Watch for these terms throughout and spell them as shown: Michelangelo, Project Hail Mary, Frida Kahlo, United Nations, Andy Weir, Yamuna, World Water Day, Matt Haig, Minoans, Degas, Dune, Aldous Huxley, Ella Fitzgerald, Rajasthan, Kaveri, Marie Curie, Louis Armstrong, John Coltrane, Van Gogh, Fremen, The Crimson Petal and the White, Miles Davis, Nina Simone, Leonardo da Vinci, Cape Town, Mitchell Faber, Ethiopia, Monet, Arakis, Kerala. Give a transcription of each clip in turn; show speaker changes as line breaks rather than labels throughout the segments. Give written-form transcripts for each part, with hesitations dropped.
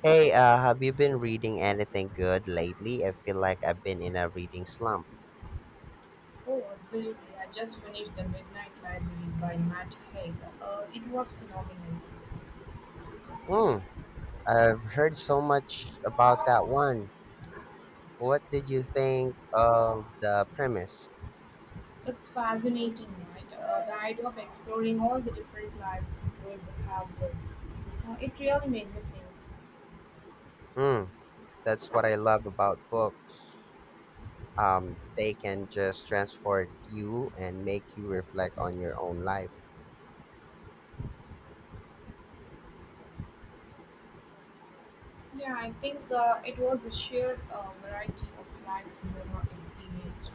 Hey, have you been reading anything good lately? I feel like I've been in a reading slump.
Oh, absolutely. I just finished The Midnight Library by Matt Haig. It was phenomenal.
Mm, I've heard so much about that one. What did you think of the premise?
It's fascinating, right? The idea of exploring all the different lives we could have lived. It really made me think.
Mm, that's what I love about books. They can just transport you and make you reflect on your own life.
Yeah, I think it was a sheer variety of lives we were not experienced.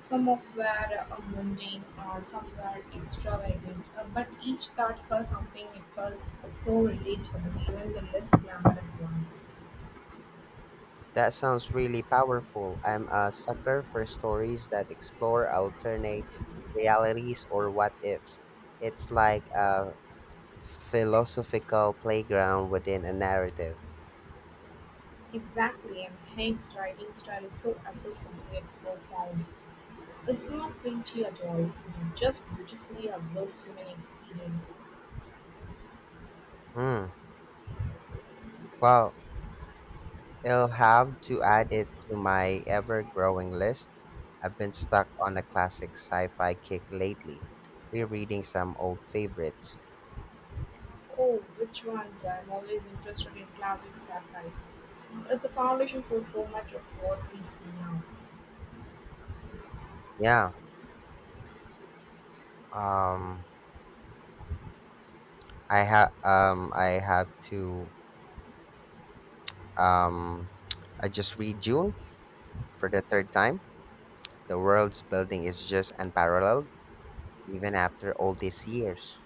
Some of were mundane, some were extravagant, but each taught her something it felt so relatable, even the less glamorous one.
That sounds really powerful. I'm a sucker for stories that explore alternate realities or what ifs. It's like a philosophical playground within a narrative.
Exactly, and Hank's writing style is so accessible yet profound. It's not preachy at all, just beautifully absorbs human experience.
Hmm. Well, I'll have to add it to my ever growing list. I've been stuck on a classic sci fi kick lately, rereading some old favorites.
Oh, which ones? I'm always interested in classic satire. It's a foundation for so much of what we see now.
Yeah. Um I have to um I just read June for the third time. The world's building is just unparalleled even after all these years.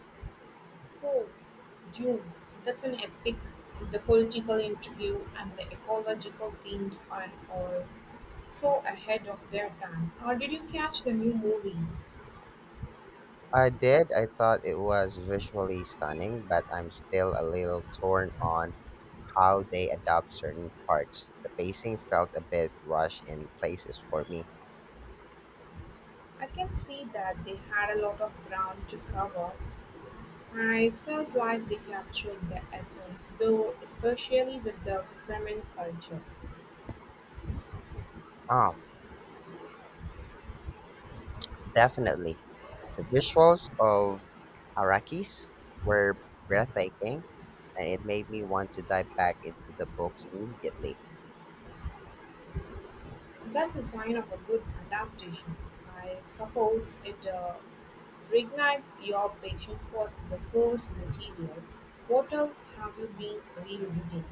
Oh, Dune. That's an epic. The political interview and the ecological themes are all so ahead of their time. Or did you catch the new movie?
I did. I thought it was visually stunning, but I'm still a little torn on how they adopt certain parts. The pacing felt a bit rushed in places for me.
I can see that they had a lot of ground to cover. I felt like they captured the essence, though, especially with the Fremen culture.
Oh, definitely. The visuals of Arakis were breathtaking, and it made me want to dive back into the books immediately.
That's a sign of a good adaptation. I suppose it reignites your passion for the source material. What else have you been revisiting?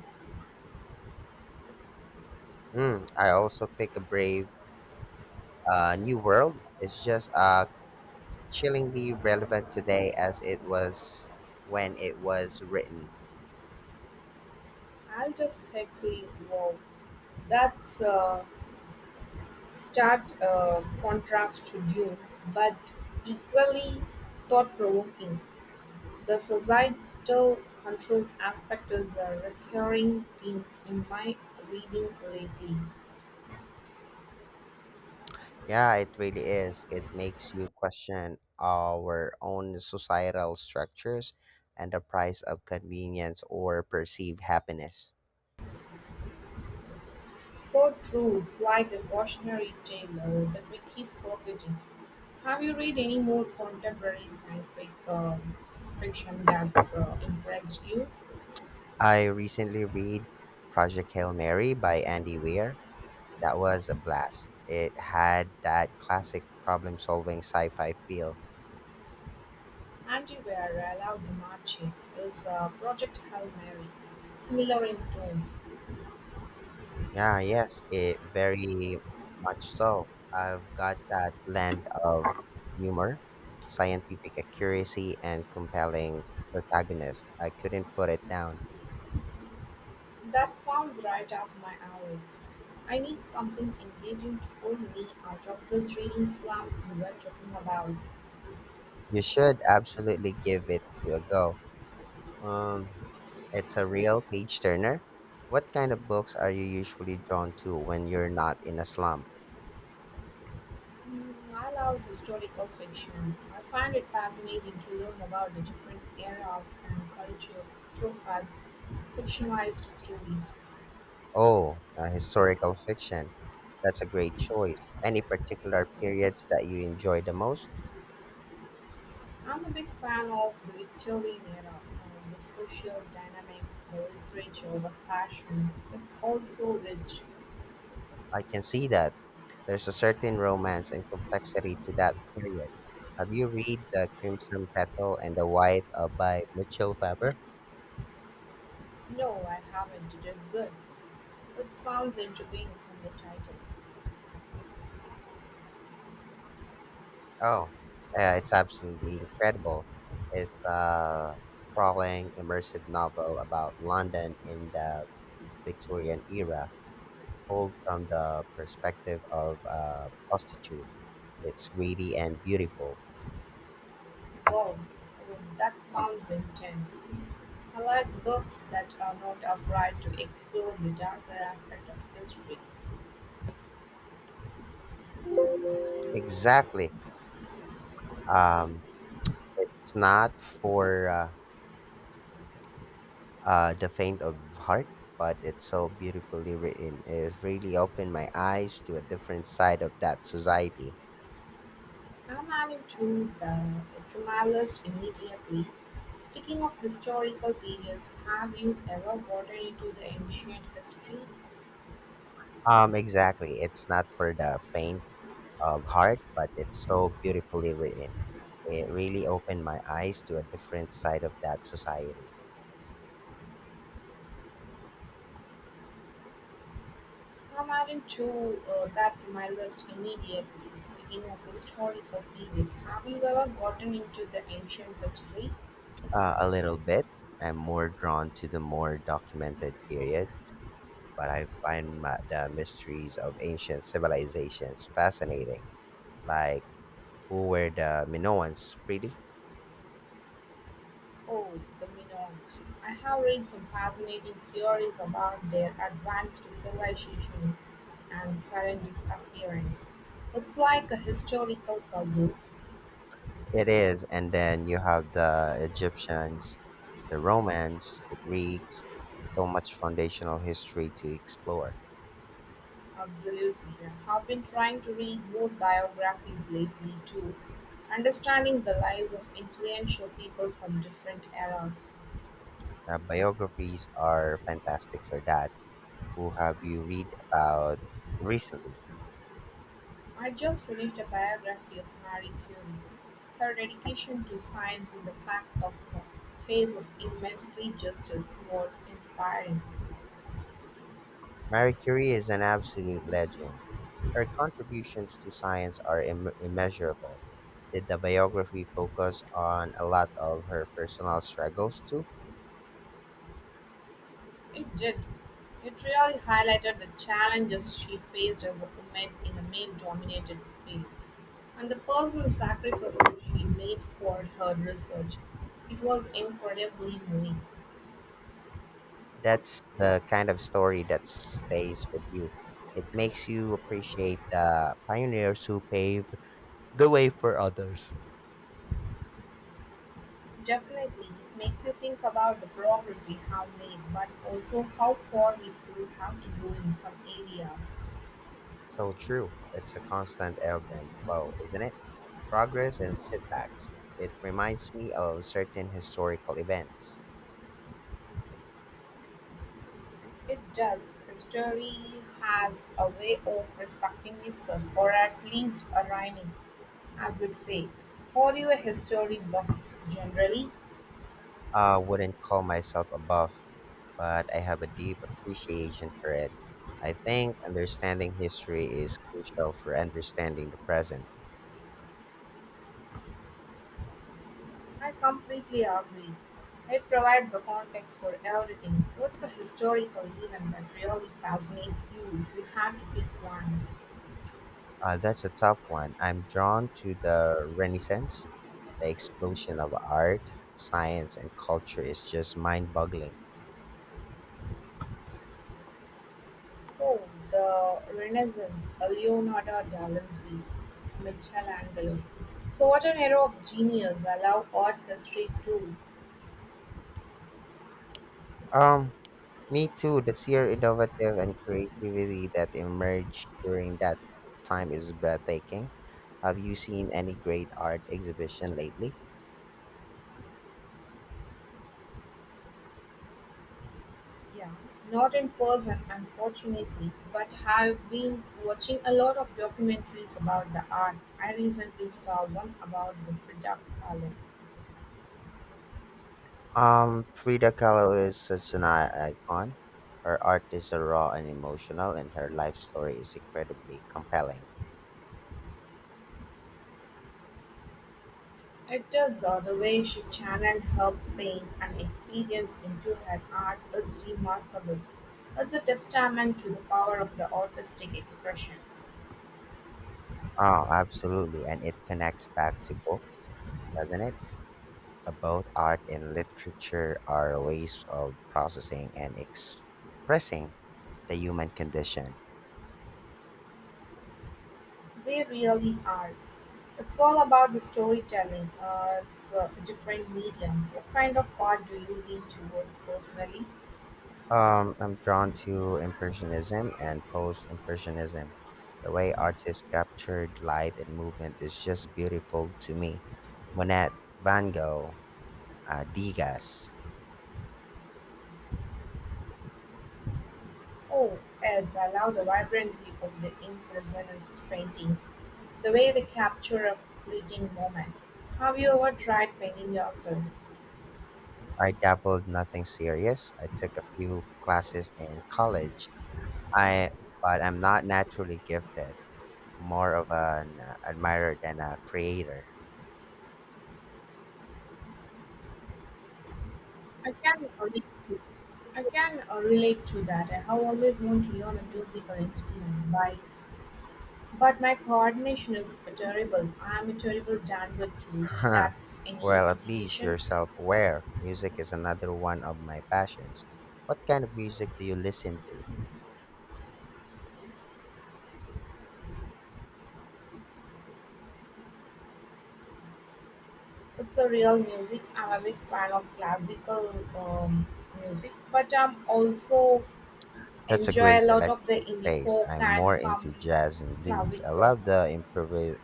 Mm, I also pick a brave New World is just chillingly relevant today as it was when it was written.
Aldous Huxley, wow, that's Stark contrast to "Dune", but equally thought-provoking, the societal control aspect is a recurring theme in my reading lately.
Yeah, it really is. It makes you question our own societal structures and the price of convenience or perceived happiness.
So true, it's like a cautionary tale that we keep forgetting. Have you read any more contemporary scientific fiction that impressed you?
I recently read Project Hail Mary by Andy Weir. That was a blast. It had that classic problem solving sci fi feel.
Anti-War, I love the March is Project Hail Mary, similar in tone.
Yeah, yes, it very much so. I've got that blend of humor, scientific accuracy, and compelling protagonist. I couldn't put it down.
That sounds right up my alley. I need something engaging to pull me out of this reading slump you were talking about.
You should absolutely give it to a go. Um, it's a real page turner. What kind of books are you usually drawn to when you're not in a slump?
Mm, I love historical fiction. I find it fascinating to learn about the different eras and cultures through fast fictionalized stories.
Oh, historical fiction. That's a great choice. Any particular periods that you enjoy the most?
I'm a big fan of the Victorian era and the social dynamics, the literature, the fashion. It's all so rich.
I can see that. There's a certain romance and complexity to that period. Have you read The Crimson Petal and the White by Mitchell Faber?
No, I haven't. It is good. It sounds intriguing from the title.
Oh, it's absolutely incredible. It's a sprawling, immersive novel about London in the Victorian era, told from the perspective of a prostitute. It's greedy and beautiful.
Wow, that sounds intense. I like books that are not afraid to explore the darker aspect of history.
Exactly. Um, it's not for The Faint of Heart, but it's so beautifully written. It really opened my eyes to a different side of that society.
I'm adding to the to my list immediately. Speaking of historical periods, have you ever gotten into the ancient history?
Exactly. It's not for the faint of heart, but it's so beautifully written. It really opened my eyes to a different side of that society.
I'm adding to That to my list immediately. Speaking of historical periods, have you ever gotten into the ancient history?
A little bit. I'm more drawn to the more documented periods, but I find ma the mysteries of ancient civilizations fascinating. Like, who were the Minoans, really?
Oh, the Minoans. I have read some fascinating theories about their advanced civilization and sudden disappearance. It's like a historical puzzle.
It is. And then you have the Egyptians, the Romans, the Greeks, so much foundational history to explore.
Absolutely. I have been trying to read more biographies lately, too, understanding the lives of influential people from different eras.
Biographies are fantastic for that. Who have you read about recently?
I just finished a biography of Marie Curie. Her dedication to science and the fact of her face of immense prejudice was inspiring.
Marie Curie is an absolute legend. Her contributions to science are immeasurable. Did the biography focus on a lot of her personal struggles too?
It did. It really highlighted the challenges she faced as a woman in a male dominated field and the personal sacrifices she made for her research. It was incredibly moving.
That's the kind of story that stays with you. It makes you appreciate the pioneers who pave the way for others.
Definitely, it makes you think about the progress we have made, but also how far we still have to go in some areas.
So true. It's a constant ebb and flow, isn't it? Progress and setbacks. It reminds me of certain historical events.
It does. History has a way of respecting itself, or at least a rhyming, as they say. Are you a history buff generally?
I wouldn't call myself a buff, but I have a deep appreciation for it. I think understanding history is crucial for understanding the present.
I completely agree. It provides the context for everything. What's a historical event that really fascinates you if you had to pick one?
That's a tough one. I'm drawn to the Renaissance. The explosion of art, science, and culture is just mind boggling.
Oh, the Renaissance, Leonardo da Vinci, Michelangelo. So, what an era of genius! I love art history too.
Um, Me too, the sheer innovative and creativity that emerged during that time is breathtaking. Have you seen any great art exhibition lately?
Yeah, not in person, unfortunately, but have been watching a lot of documentaries about the art. I recently saw one about the Frida Kahlo.
Frida Kahlo is such an icon. Her art is raw and emotional, and her life story is incredibly compelling.
It is the way she channeled her pain and experience into her art is remarkable. It's a testament to the power of the artistic expression.
Oh, absolutely. And it connects back to books, doesn't it? Both art and literature are ways of processing and expressing the human condition.
They really are. It's all about the storytelling. It's different mediums. What kind of art do you lean towards personally?
I'm drawn to Impressionism and Post Impressionism. The way artists captured light and movement is just beautiful to me. Monet, Van Gogh, Degas.
Oh, yes, I love the vibrancy of the impressionist paintings, the way they capture a fleeting moment. Have you ever tried painting yourself?
I dabbled nothing serious. I took a few classes in college. I But I'm not naturally gifted. More of an admirer than a creator.
I can relate to that. I have always wanted to learn a musical instrument, by, but my coordination is terrible. I am a terrible dancer too. If that's any
Well, at least
indication.
you're self aware. Music is another one of my passions. What kind of music do you listen to?
It's a real music. I'm a big fan of classical music, but I'm also
That's a
enjoy
great
a lot of the
electric
indie
taste.
folk
I'm
and
more
some
into jazz and blues.
classic
I
rock.
love the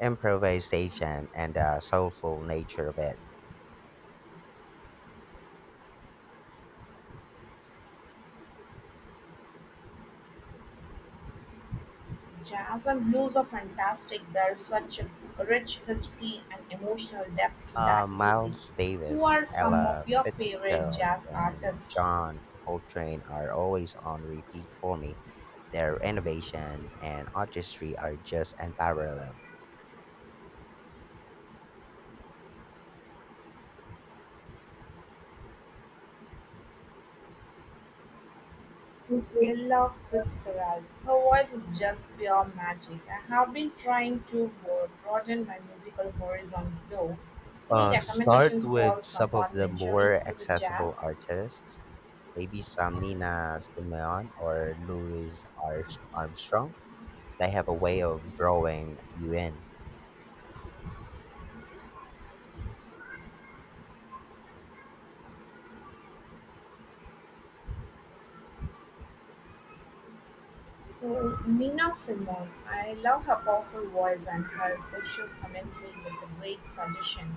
improvisation and the soulful nature of it.
Jazz and blues are fantastic. There's such a rich history and emotional depth to that music.
Miles
Who
Davis,
are some of
Ella
your favorite
Fitzgerald,
jazz
and
artists?
John Coltrane are always on repeat for me. Their innovation and artistry are just unparalleled.
Ella Fitzgerald. Her voice is just pure magic. I have been trying to broaden my musical horizons though. Any
Start
recommendations
with
for
some of
someone
the
venturing
more
into the
accessible
jazz?
artists, maybe some Nina Simone or Armstrong. They have a way of drawing you in.
So, Nina Simone, I love her powerful voice and her social commentary. It's a great suggestion.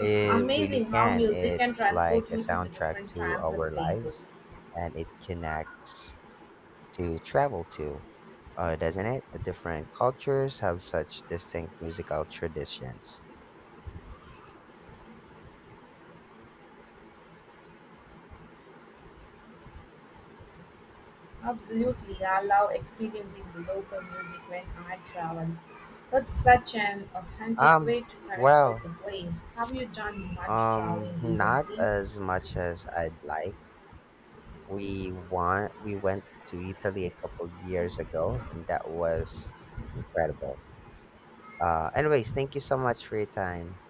It's
really
amazing how
can.
music can
It's like
transport
a
you to the
soundtrack
different
to
times
our
and
lives,
places.
and it connects to travel to, doesn't it? Different cultures have such distinct musical traditions.
Absolutely, I love experiencing the local music when I travel. That's such an authentic
Um,
way to connect with
well,
the place. Have you done much traveling
not
recently?
as much as I'd like. We went to Italy a couple years ago, and that was incredible. Anyways, thank you so much for your time.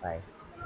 Bye.